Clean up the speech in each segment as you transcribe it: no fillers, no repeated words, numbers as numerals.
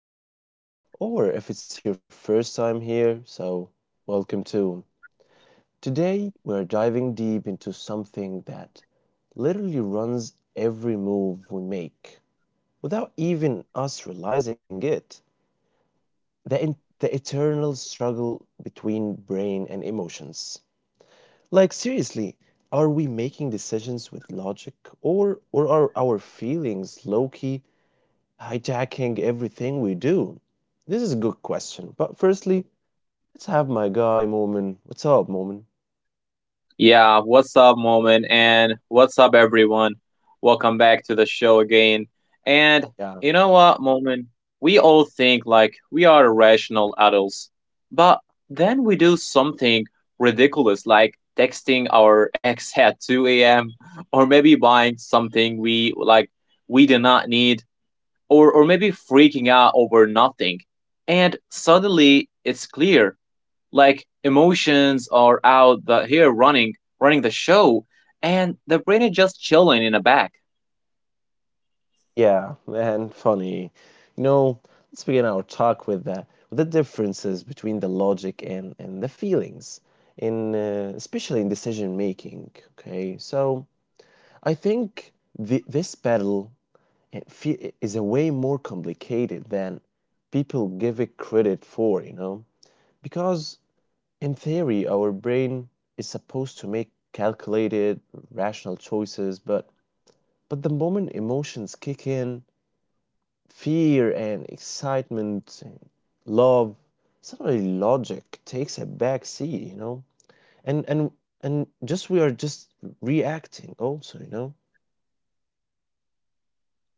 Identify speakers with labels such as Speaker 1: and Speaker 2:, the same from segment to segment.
Speaker 1: to the show, or if it's your first time here, welcome too. Today we're diving deep into something that literally runs every move we make without even us realizing it. The eternal struggle between brain and emotions. Like, seriously, are we making decisions with logic or are our feelings low hijacking everything we do? This is a good question. But firstly, let's have my guy Moment. What's up, Moment?
Speaker 2: Yeah, what's up, Moment? And what's up, everyone? Welcome back to the show again. And
Speaker 1: Yeah.
Speaker 2: you know what, Moment? We all think like we are rational adults, but then we do something ridiculous like texting our ex at 2 a.m. or maybe buying something we like we do not need or maybe freaking out over nothing. And suddenly it's clear like emotions are here running running the show and the brain is just chilling in the back.
Speaker 1: Yeah, man, funny. You know, let's begin our talk with the differences between the logic and the feelings in especially in decision making, okay? So, I think this battle is a way more complicated than people give it credit for, you know? Because in theory, our brain is supposed to make calculated, rational choices, but the moment emotions kick in, fear and excitement and love, suddenly logic takes a back seat, you know? And and and just we are just reacting also, you know?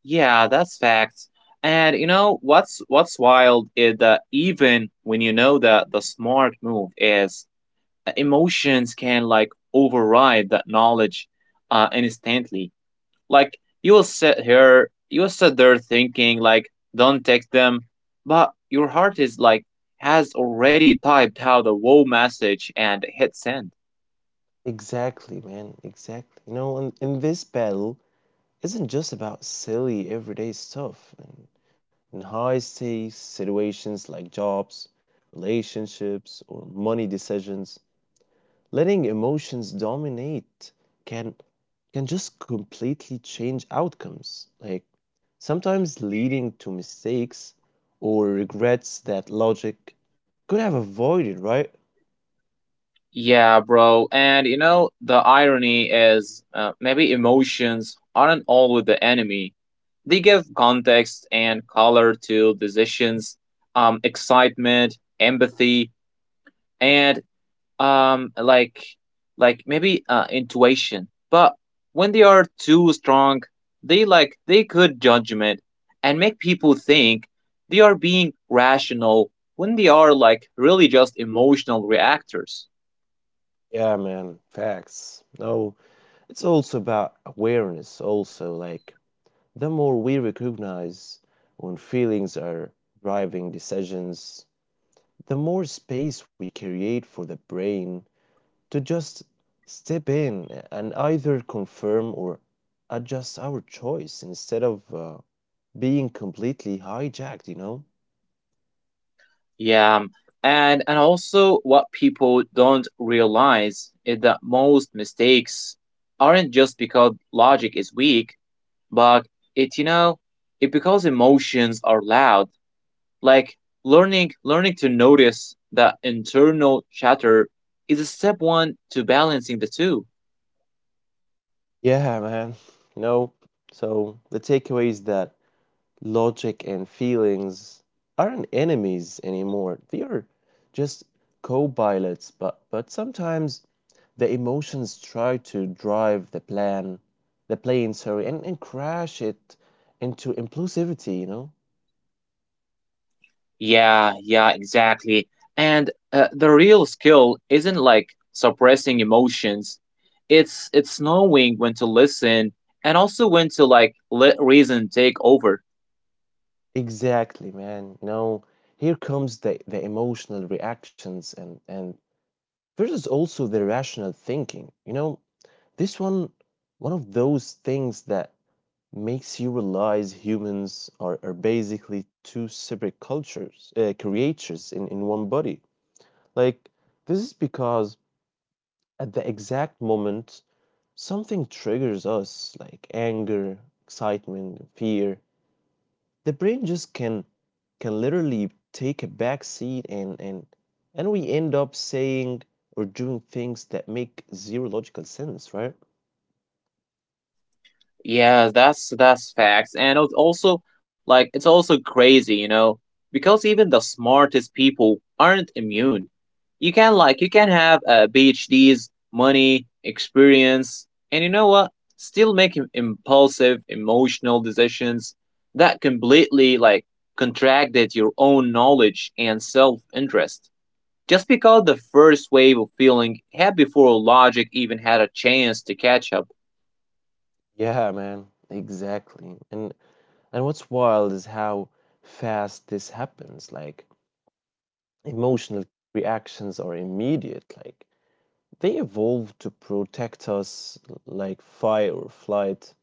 Speaker 2: Yeah, that's facts. And you know what's wild is that even when you know that the smart move is, emotions can like override that knowledge instantly. Like you will sit there thinking like, don't text them, but your heart is like has already typed out the whole message and hit send.
Speaker 1: Exactly, man. Exactly. You know, and in this battle, isn't just about silly everyday stuff, in high stakes situations like jobs, relationships, or money decisions. Letting emotions dominate can can just completely change outcomes, like sometimes leading to mistakes or regrets that logic could have avoided, right?
Speaker 2: Yeah, bro. And you know, the irony is, maybe emotions aren't always the enemy. They give context and color to decisions, excitement, empathy, and um, like like maybe intuition. But when they are too strong, they could judgment and make people think they are being rational when they are like really just emotional reactors.
Speaker 1: Yeah, man, facts. No, it's also about awareness, also, like the more we recognize when feelings are driving decisions, the more space we create for the brain to just step in and either confirm or adjust our choice instead of being completely hijacked, you know?
Speaker 2: Yeah, and also what people don't realize is that most mistakes aren't just because logic is weak, but it, it because emotions are loud. Like learning to notice that internal chatter is a step one to balancing the two.
Speaker 1: Yeah, man. You know, so the takeaway is that logic and feelings aren't enemies anymore. They are just co-pilots, but sometimes the emotions try to drive the plan, the plane, sorry, and crash it into impulsivity, you know?
Speaker 2: Yeah, yeah, exactly. And the real skill isn't like suppressing emotions. It's knowing when to listen and also when to like let reason take over.
Speaker 1: Exactly, man. You know, here comes the emotional reactions and versus also the rational thinking. You know, this one, of those things that makes you realize humans are basically two separate cultures, creatures in one body. Like, this is because at the exact moment, something triggers us, like anger, excitement, fear. The brain just can literally take a back seat and we end up saying or doing things that make zero logical sense, right?
Speaker 2: Yeah, that's facts, and it's also like it's also crazy, you know, because even the smartest people aren't immune. You can have PhDs, money, experience, and you know what? Still make impulsive, emotional decisions that completely like contracted your own knowledge and self-interest. Just because the first wave of feeling had before logic even had a chance to catch up.
Speaker 1: Yeah, man, exactly. And what's wild is how fast this happens. Like emotional reactions are immediate. Like they evolve to protect us like fight or flight,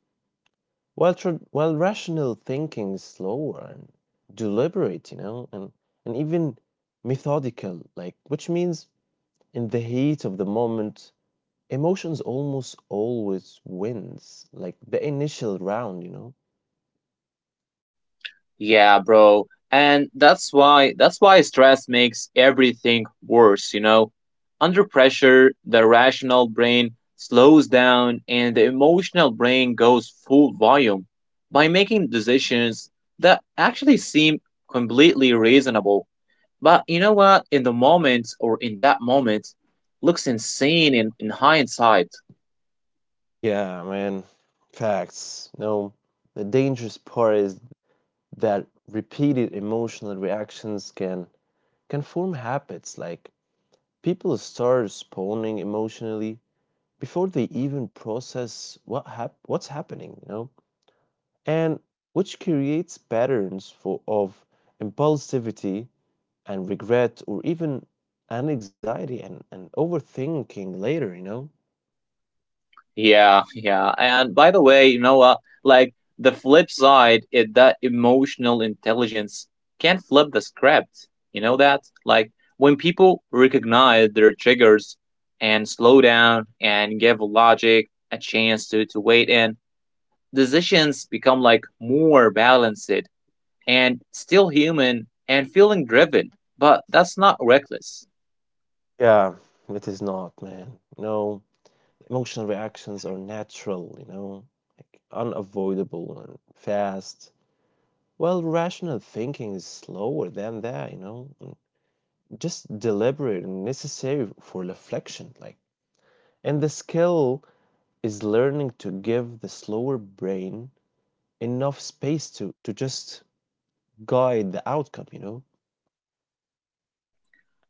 Speaker 1: while rational thinking is slower and deliberate, you know, and even methodical. Like which means in the heat of the moment, emotions almost always wins, like the initial round, you know.
Speaker 2: Yeah, bro. And that's why stress makes everything worse, you know. Under pressure, the rational brain slows down and the emotional brain goes full volume by making decisions that actually seem completely reasonable. But you know what? In that moment looks insane in hindsight.
Speaker 1: Yeah, man. Facts. No, the dangerous part is that repeated emotional reactions can form habits. Like people start responding emotionally before they even process what's happening, you know? And which creates patterns for of impulsivity and regret or even an anxiety and overthinking later, you know?
Speaker 2: Yeah, yeah. And by the way, you know what? Like the flip side is that emotional intelligence can flip the script. You know that? Like when people recognize their triggers and slow down and give logic a chance to wait in, decisions become like more balanced and still human and feeling driven. But that's not reckless.
Speaker 1: Yeah, it is not, man. No. Emotional reactions are natural, you know, like unavoidable and fast. Well, rational thinking is slower than that, you know, and just deliberate and necessary for reflection. Like, and the skill is learning to give the slower brain enough space to just guide the outcome, you know.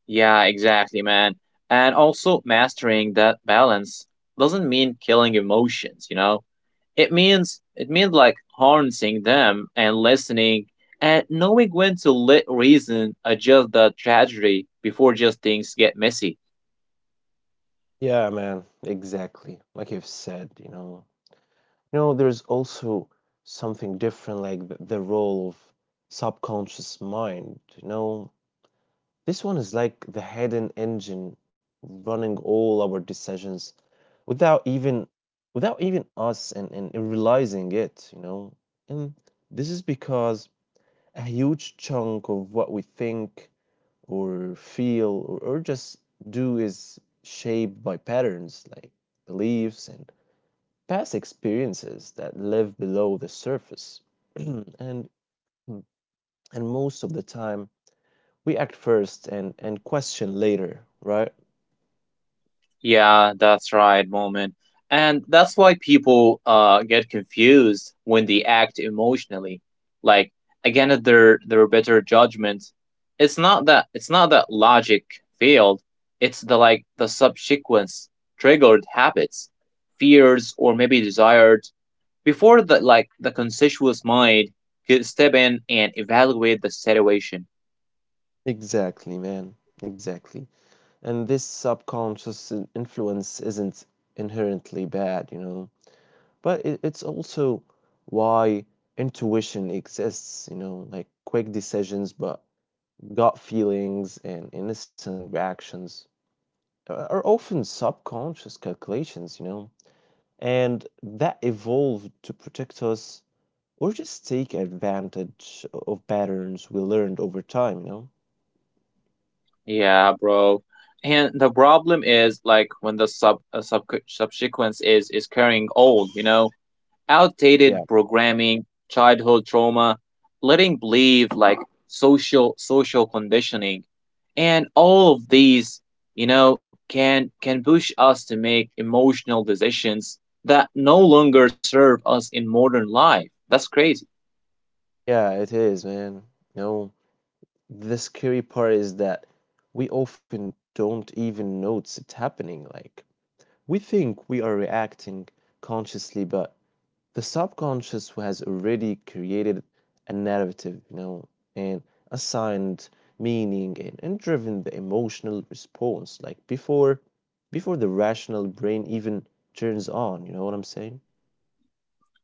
Speaker 2: Yeah, exactly, man. And also, mastering that balance doesn't mean killing emotions, you know? It means like harnessing them and listening and knowing when to let reason adjust the tragedy before just things get messy.
Speaker 1: Yeah, man, exactly. Like you've said, you know, you know, there's also something different, like the role of subconscious mind. You know, this one is like the hidden engine running all our decisions without even without even us and realizing it, you know. And this is because a huge chunk of what we think or feel or just do is shaped by patterns like beliefs and past experiences that live below the surface. and and most of the time we act first and question later, right?
Speaker 2: Yeah, that's right, Moment. And that's why people, get confused when they act emotionally. Like again, at their better judgment. It's not that logic failed. It's the subsequent triggered habits, fears, or maybe desires before the conscious mind could step in and evaluate the situation.
Speaker 1: Exactly, man. Exactly. And this subconscious influence isn't inherently bad, you know, but it's also why intuition exists, you know, like quick decisions, but gut feelings and innocent reactions are often subconscious calculations, you know. And that evolved to protect us or just take advantage of patterns we learned over time, you know?
Speaker 2: Yeah, bro. And the problem is like when the subsequence is carrying old, you know,
Speaker 1: Yeah,
Speaker 2: outdated programming, childhood trauma, letting believe like social conditioning, and all of these, you know, can push us to make emotional decisions that no longer serve us in modern life. That's crazy.
Speaker 1: yeah, it is, man. You know, the scary part is that we often don't even notice it happening. Like, we think we are reacting consciously, but the subconscious who has already created a narrative, you know, and assigned meaning and driven the emotional response like before the rational brain even turns on, you know what I'm saying?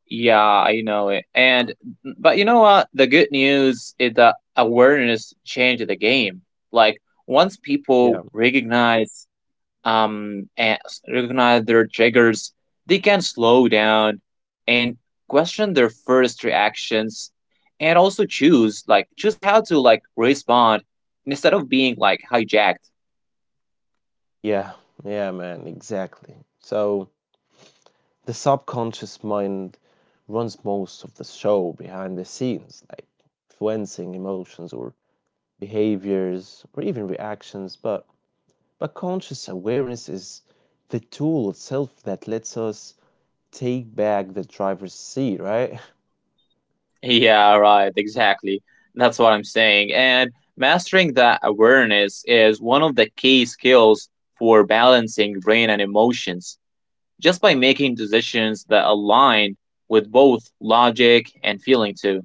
Speaker 2: Yeah, I know it. And but you know what? The good news is that awareness changed the game. Like once people
Speaker 1: Yeah.
Speaker 2: recognize and recognize their triggers, they can slow down and question their first reactions and also choose how to like respond instead of being like hijacked.
Speaker 1: Yeah, yeah, man, exactly. So the subconscious mind runs most of the show behind the scenes, like influencing emotions or behaviors or even reactions, but conscious awareness is the tool itself that lets us take back the driver's seat, right?
Speaker 2: Yeah, right, exactly. That's what I'm saying. And mastering that awareness is one of the key skills for balancing brain and emotions. Just by making decisions that align with both logic and feeling, too.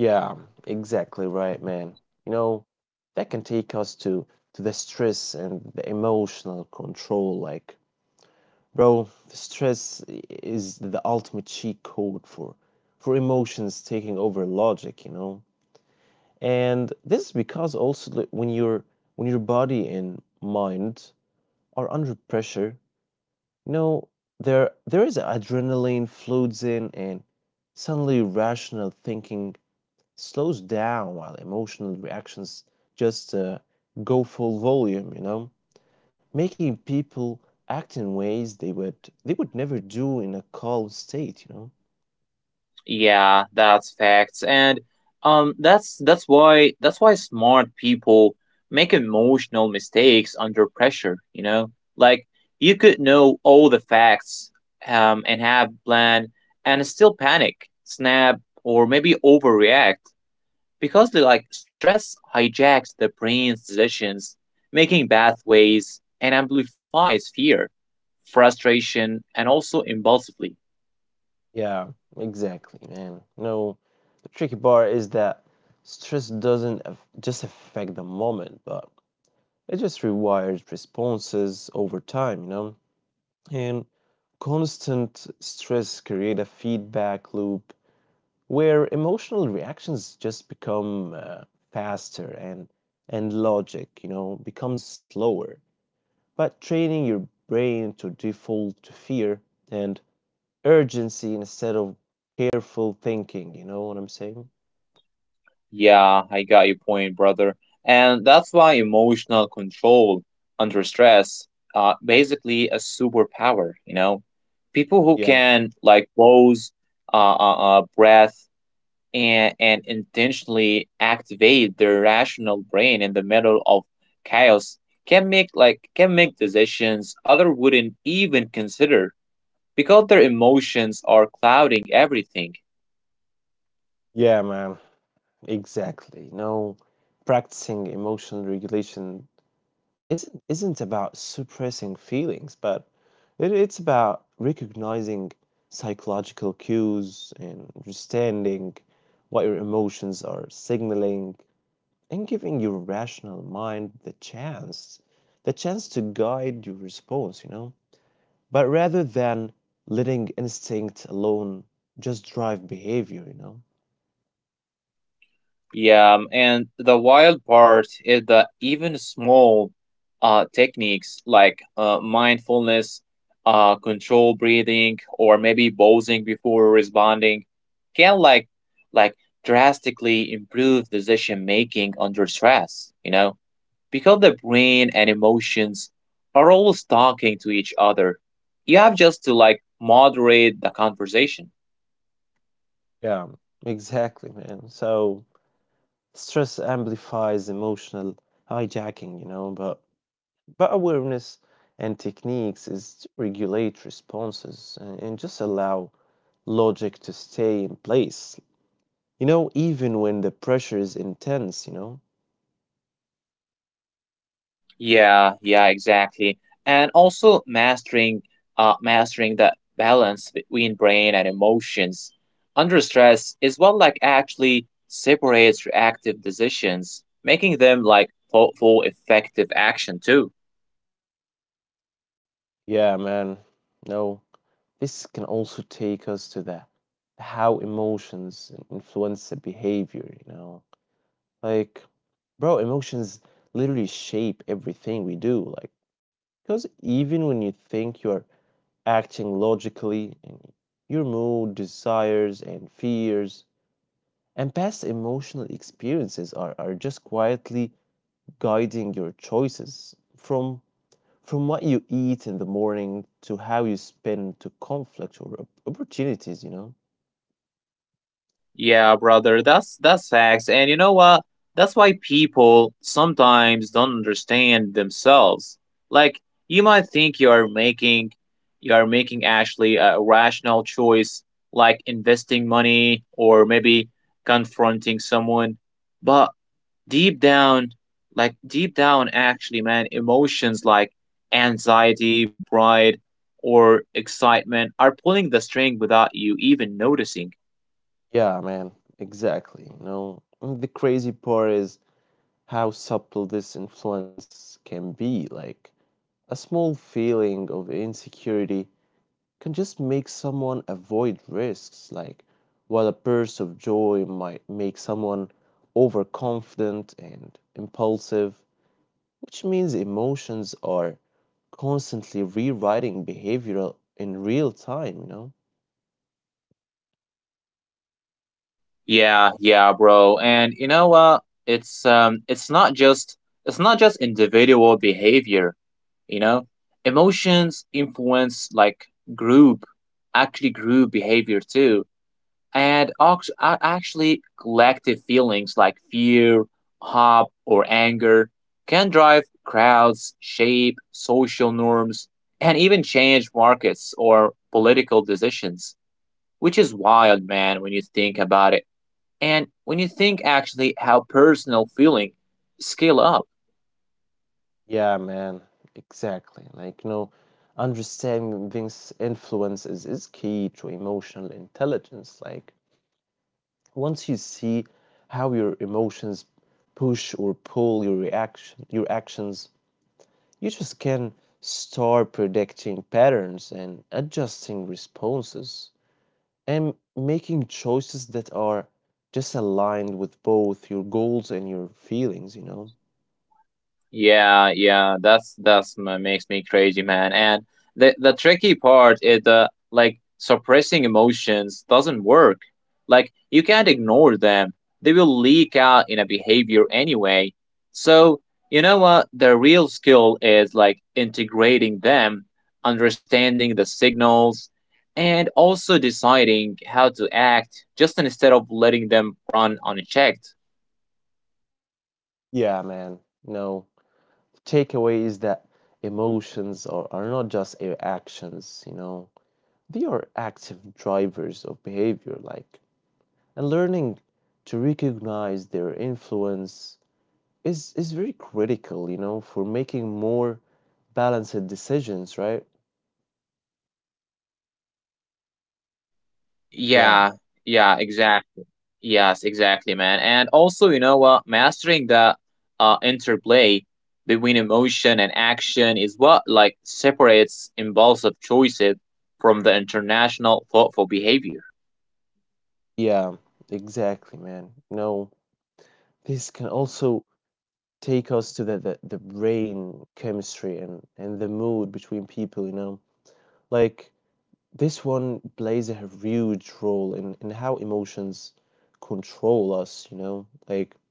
Speaker 1: Yeah, exactly right, man. You know, that can take us to the stress and the emotional control like bro, the stress is the ultimate cheat code for emotions taking over logic, you know? And this is because also that when your body and mind are under pressure, no, there is adrenaline floods in and suddenly rational thinking slows down while emotional reactions just go full volume, you know, making people act in ways they would never do in a calm state, you know.
Speaker 2: Yeah, that's facts. And that's why smart people make emotional mistakes under pressure, you know? Like you could know all the facts and have plan and still panic, snap, or maybe overreact because they like stress hijacks the brain's decisions, making pathways and amplifies fear, frustration, and also impulsively.
Speaker 1: Yeah, exactly, man. No, the tricky part is that stress doesn't just affect the moment, but it just rewires responses over time, you know. And constant stress create a feedback loop where emotional reactions just become faster and logic, you know, becomes slower. But training your brain to default to fear and urgency instead of careful thinking, you know what I'm saying?
Speaker 2: Yeah, I got your point, brother. And that's why emotional control under stress, basically a superpower, you know. People who
Speaker 1: Yeah.
Speaker 2: can like pause, breath and intentionally activate their rational brain in the middle of chaos can make like can make decisions other wouldn't even consider because their emotions are clouding everything.
Speaker 1: Yeah, man. Exactly. You know, practicing emotional regulation isn't about suppressing feelings, but it's about recognizing psychological cues and understanding what your emotions are signaling and giving your rational mind the chance to guide your response, you know? But rather than letting instinct alone just drive behavior, you know?
Speaker 2: Yeah, and the wild part is that even small techniques like, mindfulness, control breathing, or maybe pausing before responding can like drastically improve decision making under stress. You know, because the brain and emotions are always talking to each other. You have just to like moderate the conversation.
Speaker 1: Yeah, exactly, man. So stress amplifies emotional hijacking, you know, but awareness and techniques is to regulate responses and just allow logic to stay in place. You know, even when the pressure is intense, you know.
Speaker 2: Yeah, yeah, exactly. And also mastering the balance between brain and emotions under stress is what like actually separates reactive decisions, making them like thoughtful, effective action too.
Speaker 1: Yeah, man. No, this can also take us to the how emotions influence the behavior, you know. Like, bro, emotions literally shape everything we do. Like, because even when you think you're acting logically, and your mood, desires, and fears and past emotional experiences are just quietly guiding your choices from what you eat in the morning to how you spend to conflict or opportunities, you know.
Speaker 2: Yeah, brother, that's facts. And you know what? That's why people sometimes don't understand themselves. Like you might think you are making you are making actually a rational choice like investing money or maybe confronting someone, but deep down deep down actually man, emotions like anxiety, pride, or excitement are pulling the string without you even noticing.
Speaker 1: Yeah, man, exactly. You know, and the crazy part is how subtle this influence can be, like a small feeling of insecurity can just make someone avoid risks, like while a burst of joy might make someone overconfident and impulsive, which means emotions are constantly rewriting behavior in real time, you know?
Speaker 2: Yeah, yeah, bro. And you know what? It's not just individual behavior, you know? Emotions influence like group, actually group behavior too. And actually collective feelings like fear, hope, or anger can drive crowds, shape social norms, and even change markets or political decisions, which is wild, man, when you think about it. And when you think actually how personal feeling scale up.
Speaker 1: Yeah, man, exactly. Like, you know, understanding these influences is key to emotional intelligence. Like, once you see how your emotions push or pull your reaction, your actions, you just can start predicting patterns and adjusting responses and making choices that are just aligned with both your goals and your feelings, you know?
Speaker 2: Yeah, yeah, makes me crazy, man. And the tricky part is the like suppressing emotions doesn't work. Like you can't ignore them. They will leak out in a behavior anyway. So, you know what? The real skill is like integrating them, understanding the signals, and also deciding how to act just instead of letting them run unchecked.
Speaker 1: Yeah, man. No. Takeaway is that emotions are not just your actions, you know? They are active drivers of behavior, like, and learning to recognize their influence is very critical, you know, for making more balanced decisions, right? Yeah,
Speaker 2: Yeah, yeah, exactly. Yes, exactly, man. And also, you know what? Mastering the, interplay between emotion and action is what like separates impulsive choices from the international thoughtful behavior.
Speaker 1: yeah, exactly, man. You know, this can also take us to the brain chemistry and the mood between people, you know. Like, this one plays a huge role in how emotions control us, you know. Like,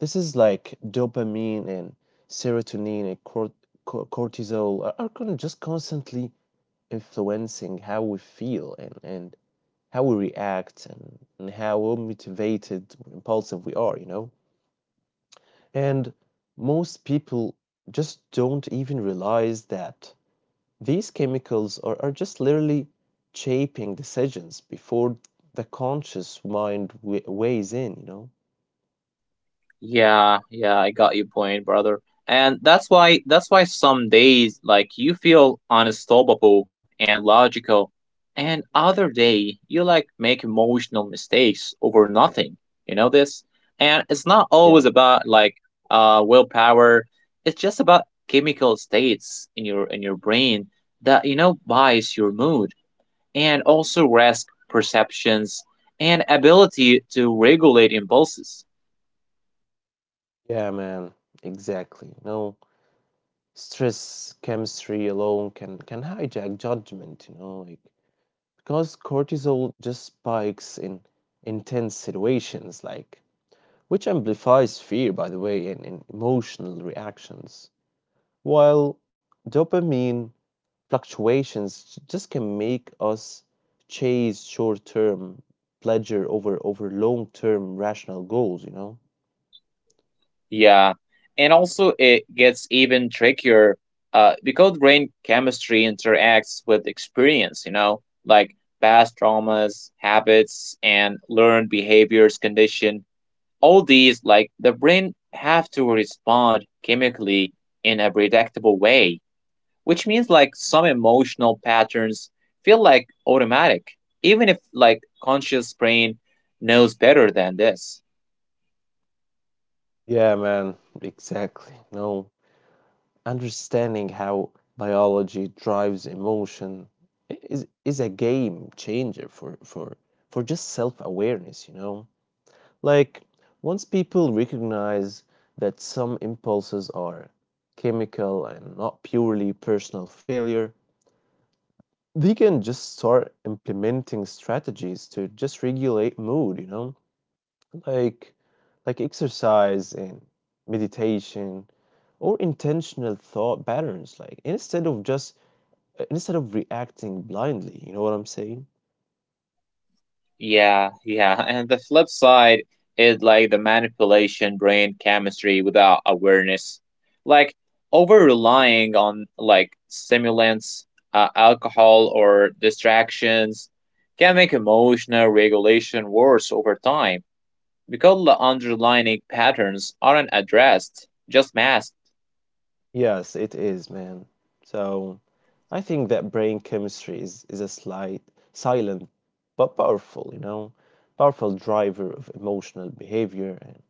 Speaker 1: this is like dopamine and serotonin and cortisol are kind of just constantly influencing how we feel and how we react and how motivated, impulsive we are, you know? And most people just don't even realize that these chemicals are just literally shaping decisions before the conscious mind weighs in, you know?
Speaker 2: Yeah, yeah, I got your point, brother. And that's why some days like you feel unstoppable and logical, and other day you like make emotional mistakes over nothing. You know this? And it's not
Speaker 1: Yeah.
Speaker 2: always about like, willpower. It's just about chemical states in your brain that you know bias your mood and also risk perceptions and ability to regulate impulses.
Speaker 1: Yeah, man, exactly. You know, stress chemistry alone can hijack judgment, you know, like because cortisol just spikes in intense situations like which amplifies fear by the way in emotional reactions while dopamine fluctuations just can make us chase short-term pleasure over long-term rational goals, you know.
Speaker 2: Yeah, and also it gets even trickier, because brain chemistry interacts with experience, you know, like past traumas, habits, and learned behaviors, condition. All these, like the brain, have to respond chemically in a predictable way, which means like some emotional patterns feel like automatic, even if like conscious brain knows better than this.
Speaker 1: Yeah, man, exactly. No, understanding how biology drives emotion is a game changer for just self-awareness, you know. Like once people recognize that some impulses are chemical and not purely personal failure, they can just start implementing strategies to just regulate mood, you know, like like exercise and meditation or intentional thought patterns, like instead of just instead of reacting blindly. You know what I'm saying?
Speaker 2: Yeah, yeah. And the flip side is like the manipulation brain chemistry without awareness. Like over relying on like stimulants, alcohol, or distractions can make emotional regulation worse over time because the underlying patterns aren't addressed, just masked.
Speaker 1: Yes, it is, man. So I think that brain chemistry is a slight, silent, but powerful, you know, powerful driver of emotional behavior. And,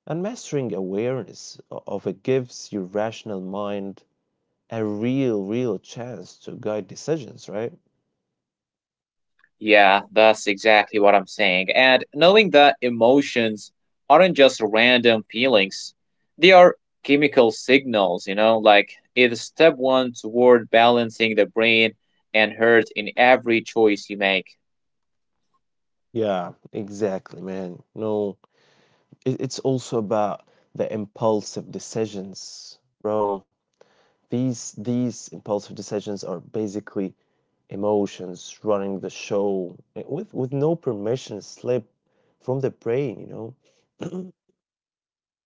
Speaker 1: and mastering awareness of it gives your rational mind a real, real chance to guide decisions, right?
Speaker 2: Yeah, that's exactly what I'm saying. And knowing that emotions aren't just random feelings, they are chemical signals, you know, like it's step one toward balancing the brain and heart in every choice you make.
Speaker 1: Yeah, exactly, man. No, it's also about the impulsive decisions, bro. These impulsive decisions are basically emotions running the show with no permission slip from the brain, you know?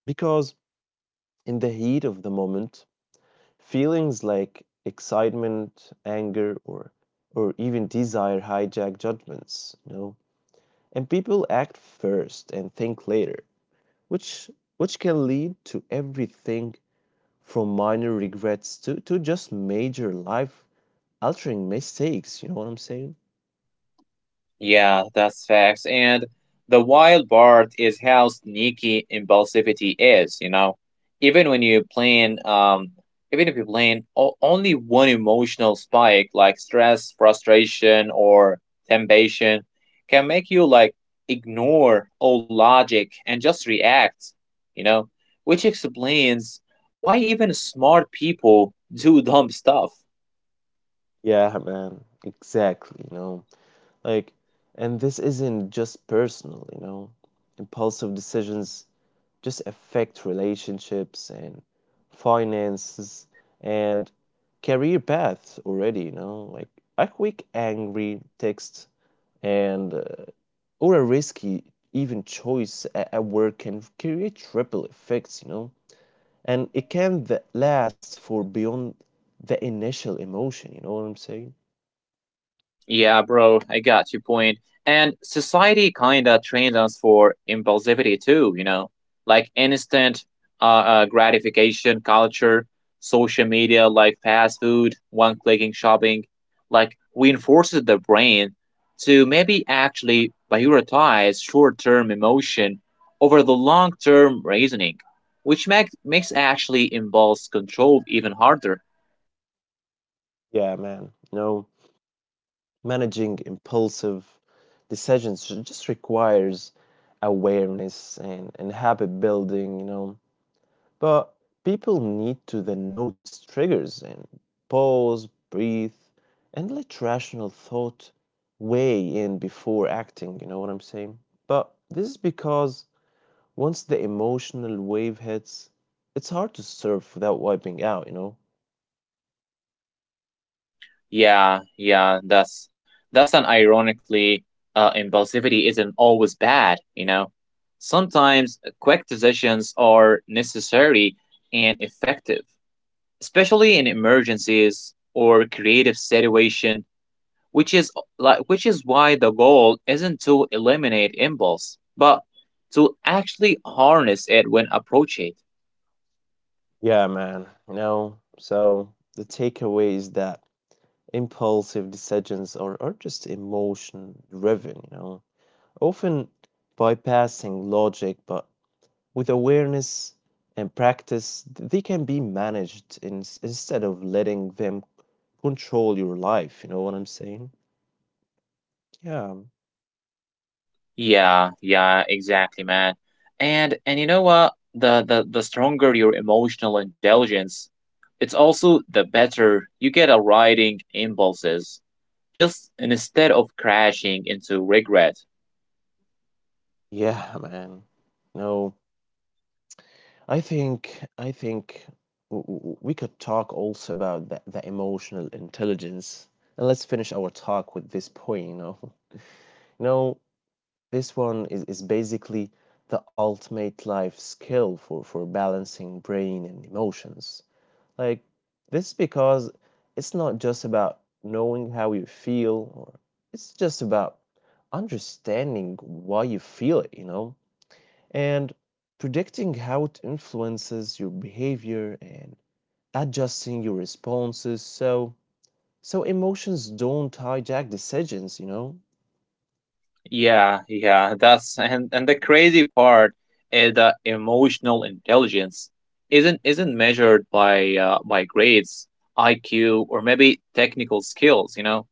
Speaker 1: Because in the heat of the moment, feelings like excitement, anger, or even desire hijack judgments, you know? And people act first and think later, which which can lead to everything from minor regrets to just major life altering mistakes. You know what I'm saying?
Speaker 2: Yeah, that's facts. And the wild part is how sneaky impulsivity is, you know. Even when you plan, only one emotional spike like stress, frustration, or temptation, can make you like ignore all logic and just react, you know, which explains why even smart people do dumb stuff?
Speaker 1: Yeah, man. Exactly. Like, and this isn't just personal, you know, impulsive decisions just affect relationships and finances and career paths already, you know, like a quick angry text and or a risky even choice at work can create ripple effects, you know, and it can last for beyond the initial emotion. You know what I'm saying?
Speaker 2: Yeah, bro, I got your point. And society kinda trains us for impulsivity too, you know, like instant, uh, gratification culture, social media, like fast food, one clicking shopping, like reinforces the brain to maybe actually prioritize short term emotion over the long term reasoning, which makes actually impulse control even harder.
Speaker 1: Yeah, man. You know, managing impulsive decisions ju- just requires awareness and habit building you know but people need to then notice triggers and pause breathe and let rational thought weigh in before acting you know what I'm saying but this is because Once the emotional wave hits, it's hard to surf without wiping out, you know?
Speaker 2: Yeah, yeah, that's an ironically, impulsivity isn't always bad, you know. Sometimes, quick decisions are necessary and effective, especially in emergencies or creative situation, which is why the goal isn't to eliminate impulse, but to actually harness it when approached.
Speaker 1: Yeah, man. You know, so the takeaway is that impulsive decisions are just emotion driven, you know, often bypassing logic, but with awareness and practice, they can be managed, in, instead of letting them control your life. You know what I'm saying? Yeah.
Speaker 2: Yeah, yeah, exactly, man. And you know what? The stronger your emotional intelligence, it's also the better you get at riding impulses, just instead of crashing into regret.
Speaker 1: Yeah, man. No. I think we could talk also about the emotional intelligence. And let's finish our talk with this point, you know. You know, this one is basically the ultimate life skill for balancing brain and emotions. Like this because it's not just about knowing how you feel, or it's just about understanding why you feel it, you know, and predicting how it influences your behavior and adjusting your responses so so emotions don't hijack decisions, you know?
Speaker 2: Yeah, yeah, that's, and the crazy part is that emotional intelligence isn't measured by, by grades, IQ, or maybe technical skills. You know,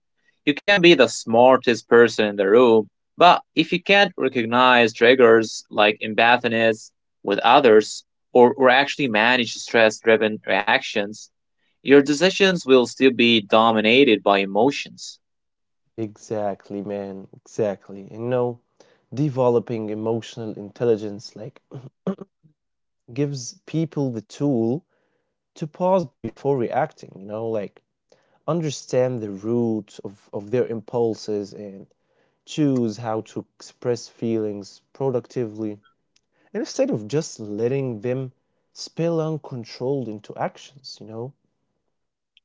Speaker 2: you can be the smartest person in the room, but if you can't recognize triggers like empathiness with others, or actually manage stress-driven reactions, your decisions will still be dominated by emotions.
Speaker 1: Exactly, man. Exactly. And no, developing emotional intelligence like gives people the tool to pause before reacting, you know, like understand the root of their impulses and choose how to express feelings productively. And instead of just letting them spill uncontrolled into actions, you know?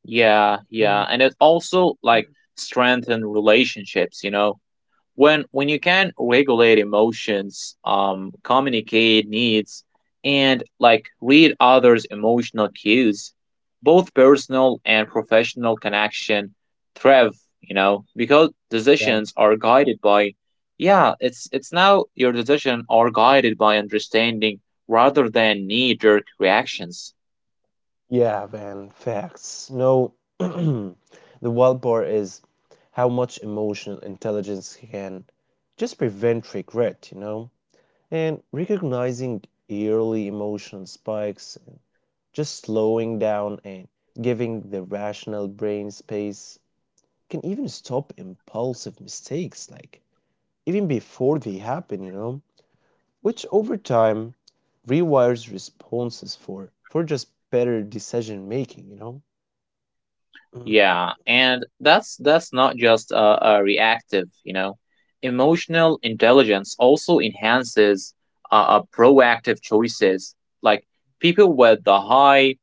Speaker 2: Yeah,
Speaker 1: Mm.
Speaker 2: yeah, and it also like strengthen relationships, you know. When you can regulate emotions, communicate needs and like read others' emotional cues, both personal and professional connection thrive, you know, because
Speaker 1: Yeah.
Speaker 2: decisions are guided by, yeah, it's now your decision are guided by understanding rather than knee-jerk reactions.
Speaker 1: Yeah, man, facts. No, the wild part is how much emotional intelligence can just prevent regret, you know? And recognizing early emotional spikes, and just slowing down and giving the rational brain space can even stop impulsive mistakes, like even before they happen, you know? Which over time rewires responses for just better decision making, you know? Mhm.
Speaker 2: Yeah, and that's not just, reactive, you know. Emotional intelligence also enhances, proactive choices. Like people with the high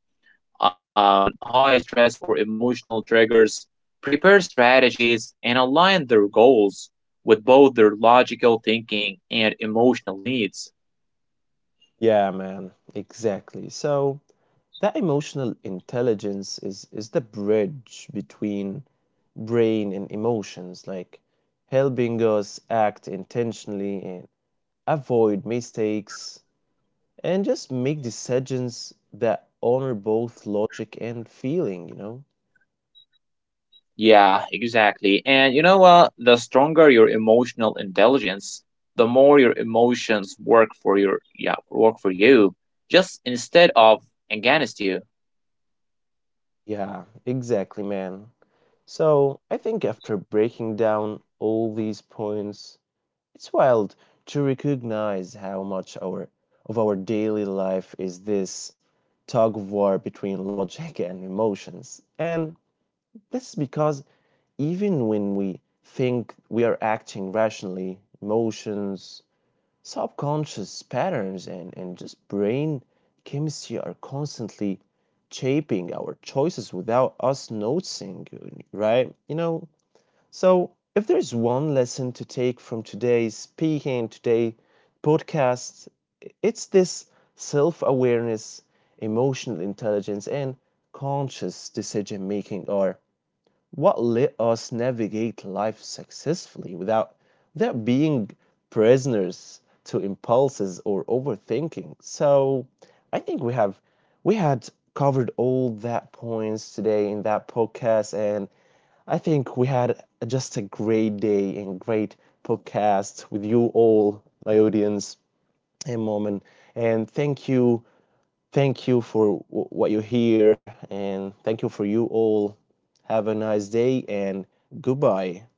Speaker 2: high stress or emotional triggers prepare strategies and align their goals with both their logical thinking and emotional needs.
Speaker 1: Yeah, man, exactly. So that emotional intelligence is the bridge between brain and emotions, like helping us act intentionally and avoid mistakes and just make decisions that honor both logic and feeling, you know?
Speaker 2: Yeah, exactly. And you know what? The stronger your emotional intelligence, the more your emotions work for your yeah, work for you, just instead of against you.
Speaker 1: Yeah, exactly, man. So I think after breaking down all these points, it's wild to recognize how much our of our daily life is this tug of war between logic and emotions. And this is because even when we think we are acting rationally, emotions, subconscious patterns and just brain chemistry are constantly shaping our choices without us noticing, right? You know, so, if there's one lesson to take from today's speaking and today podcast, it's this: self-awareness, emotional intelligence, and conscious decision making are what let us navigate life successfully without without being prisoners to impulses or overthinking. So I think we had covered all that points today in that podcast and I think we had just a great day and great podcast with you all, my audience and moment. And thank you for what you hear, and thank you for you all. Have a nice day and goodbye.